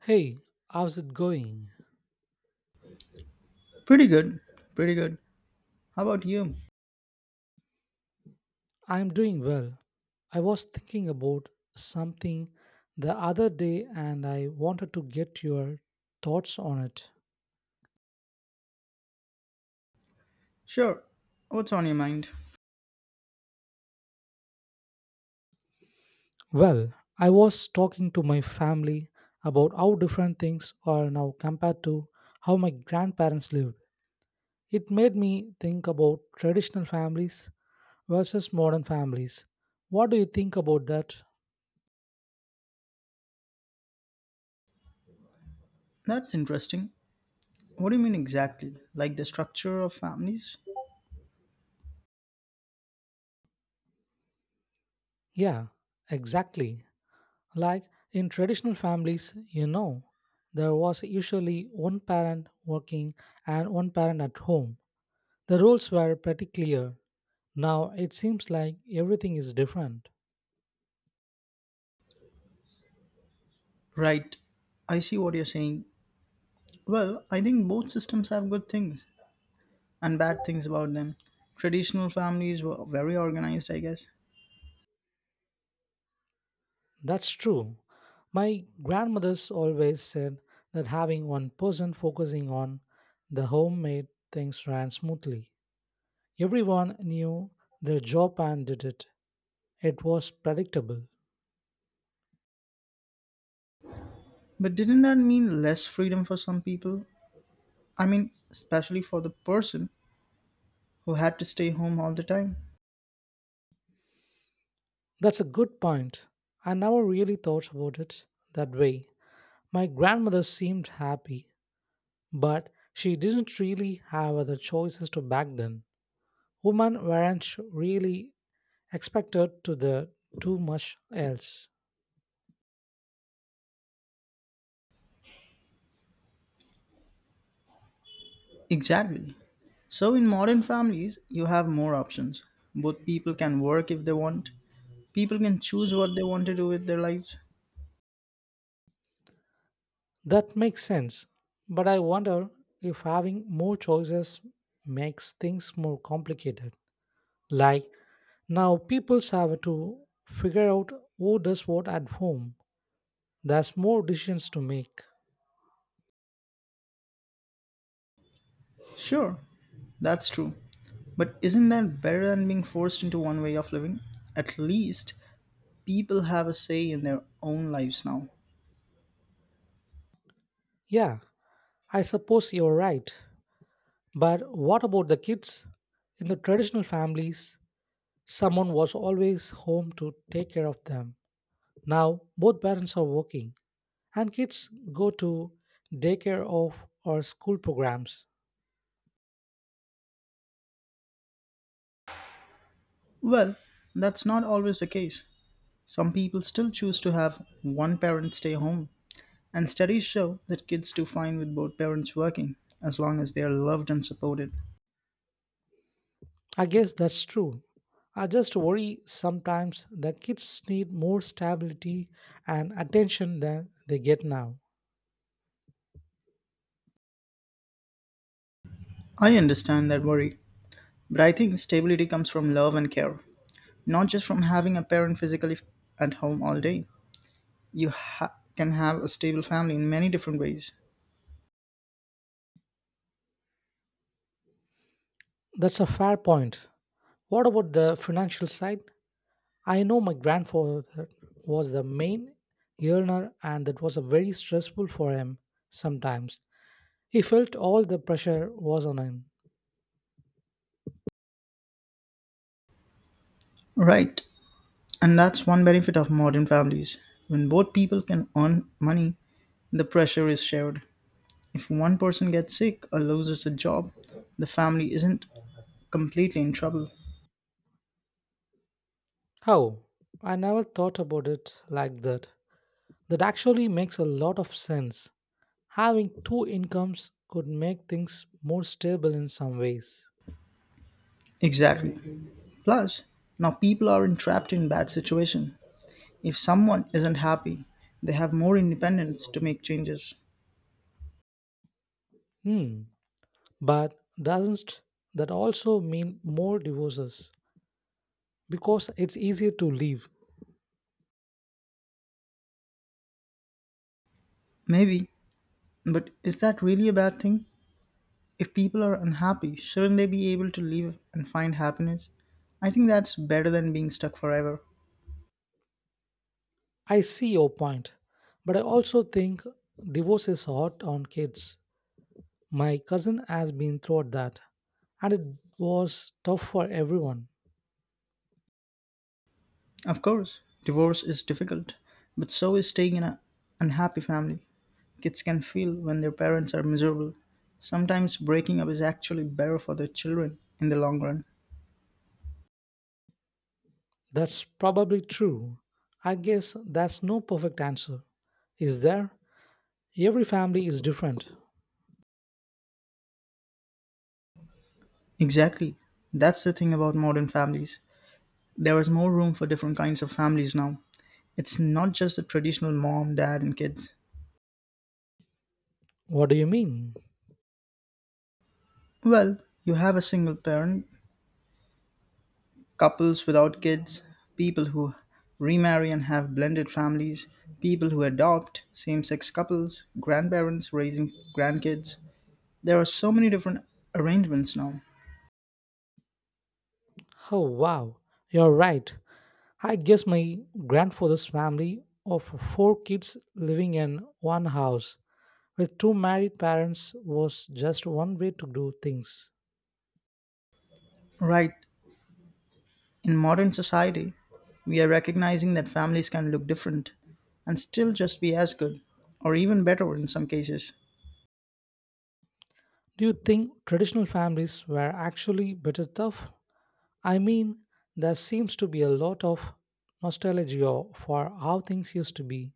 Hey, how's it going? Pretty good. Pretty good. How about you? I'm doing well. I was thinking about something the other day and I wanted to get your thoughts on it. Sure. What's on your mind? Well, I was talking to my family about how different things are now compared to how my grandparents lived. It made me think about traditional families versus modern families. What do you think about that? That's interesting. What do you mean exactly? Like the structure of families? Yeah, exactly. Like in traditional families, there was usually one parent working and one parent at home. The rules were pretty clear. Now it seems like everything is different. Right. I see what you're saying. Well, I think both systems have good things and bad things about them. Traditional families were very organized, I guess. That's true. My grandmothers always said that having one person focusing on the home made things ran smoothly. Everyone knew their job and did it. It was predictable. But didn't that mean less freedom for some people? I mean, especially for the person who had to stay home all the time. That's a good point. I never really thought about it that way. My grandmother seemed happy, but she didn't really have other choices to back then. Women weren't really expected to the do much else. Exactly. So, in modern families, you have more options. Both people can work if they want, people can choose what they want to do with their lives. That makes sense, but I wonder if having more choices makes things more complicated. Like now, people have to figure out who does what at home. There's more decisions to make. Sure, that's true. But isn't that better than being forced into one way of living? At least people have a say in their own lives now. Yeah, I suppose you're right. But what about the kids? In the traditional families, someone was always home to take care of them. Now, both parents are working, and kids go to daycare of or school programs. Well, that's not always the case. Some people still choose to have one parent stay home, and studies show that kids do fine with both parents working as long as they are loved and supported. I guess that's true. I just worry sometimes that kids need more stability and attention than they get now. I understand that worry. But I think stability comes from love and care, not just from having a parent physically at home all day. You can have a stable family in many different ways. That's a fair point. What about the financial side? I know my grandfather was the main earner, and that was a very stressful for him sometimes. He felt all the pressure was on him. Right. And that's one benefit of modern families. When both people can earn money, the pressure is shared. If one person gets sick or loses a job, the family isn't completely in trouble. How? I never thought about it like that. That actually makes a lot of sense. Having two incomes could make things more stable in some ways. Exactly. Plus, now people aren't trapped in bad situation. If someone isn't happy, they have more independence to make changes. Hmm. But doesn't that also mean more divorces? Because it's easier to leave. Maybe, but is that really a bad thing? If people are unhappy, shouldn't they be able to leave and find happiness? I think that's better than being stuck forever. I see your point, but I also think divorce is hard on kids. My cousin has been through that, and it was tough for everyone. Of course, divorce is difficult, but so is staying in an unhappy family. Kids can feel when their parents are miserable. Sometimes breaking up is actually better for their children in the long run. That's probably true. I guess that's no perfect answer. Is there? Every family is different. Exactly. That's the thing about modern families. There is more room for different kinds of families now. It's not just the traditional mom, dad, and kids. What do you mean? Well, you have a single parent, couples without kids, people who remarry and have blended families, people who adopt, same sex couples, grandparents raising grandkids. There are so many different arrangements now. Oh, wow, you're right. I guess my grandfather's family of 4 kids living in one house with two married parents was just one way to do things. Right, in modern society, we are recognizing that families can look different and still just be as good, or even better in some cases. Do you think traditional families were actually better tough? I mean, there seems to be a lot of nostalgia for how things used to be.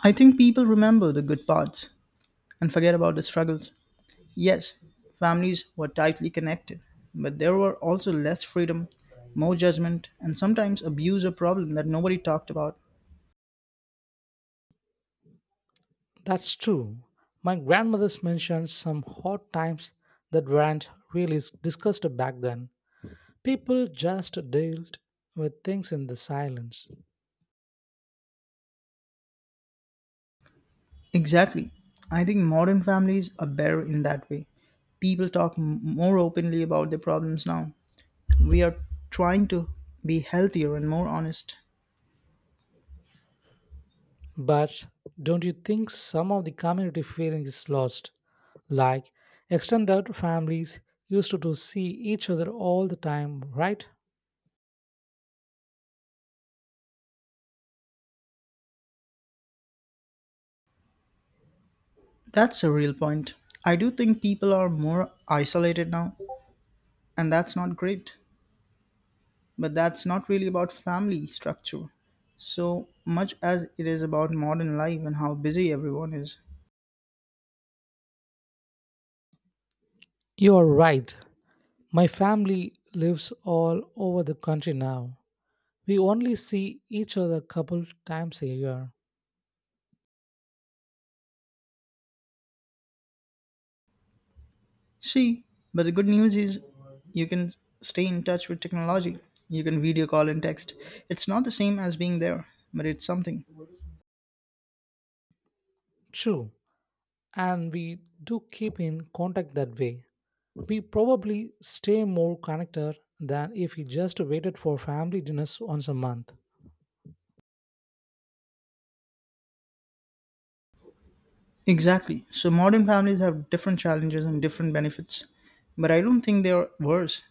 I think people remember the good parts and forget about the struggles. Yes, families were tightly connected, but there were also less freedom, more judgment, and sometimes abuse or problem that nobody talked about. That's true. My grandmother's mentioned some hot times that weren't really discussed back then. People just dealt with things in the silence. Exactly. I think modern families are better in that way. People talk more openly about their problems now. We are trying to be healthier and more honest. But don't you think some of the community feeling is lost? Like extended families used to see each other all the time, right? That's a real point. I do think people are more isolated now, and that's not great. But that's not really about family structure so much as it is about modern life and how busy everyone is. You are right. My family lives all over the country now. We only see each other a couple times a year. See, but the good news is you can stay in touch with technology. You can video call and text. It's not the same as being there, but it's something. True. And we do keep in contact that way. We probably stay more connected than if we just waited for family dinners once a month. Exactly. So modern families have different challenges and different benefits, but I don't think they are worse.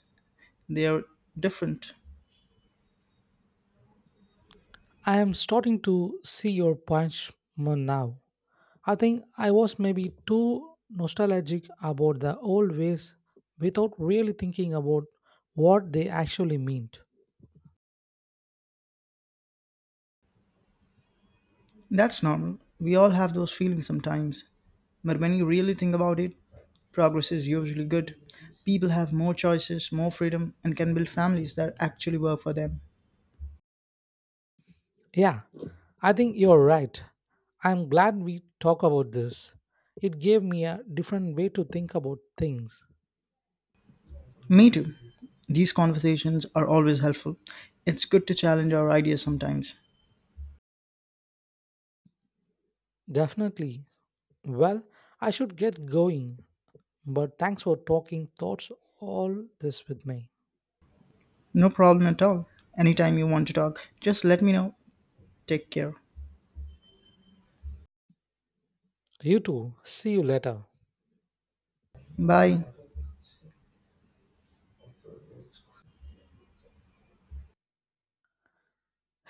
They are different. I am starting to see your punch more now. I think I was maybe too nostalgic about the old ways without really thinking about what they actually meant. That's normal. We all have those feelings sometimes. But when you really think about it, progress is usually good. People have more choices, more freedom, and can build families that actually work for them. Yeah, I think you're right. I'm glad we talk about this. It gave me a different way to think about things. Me too. These conversations are always helpful. It's good to challenge our ideas sometimes. Definitely. Well, I should get going, but thanks for talking thoughts all this with me. No problem at all. Anytime you want to talk, just let me know. Take care. You too. See you later. Bye.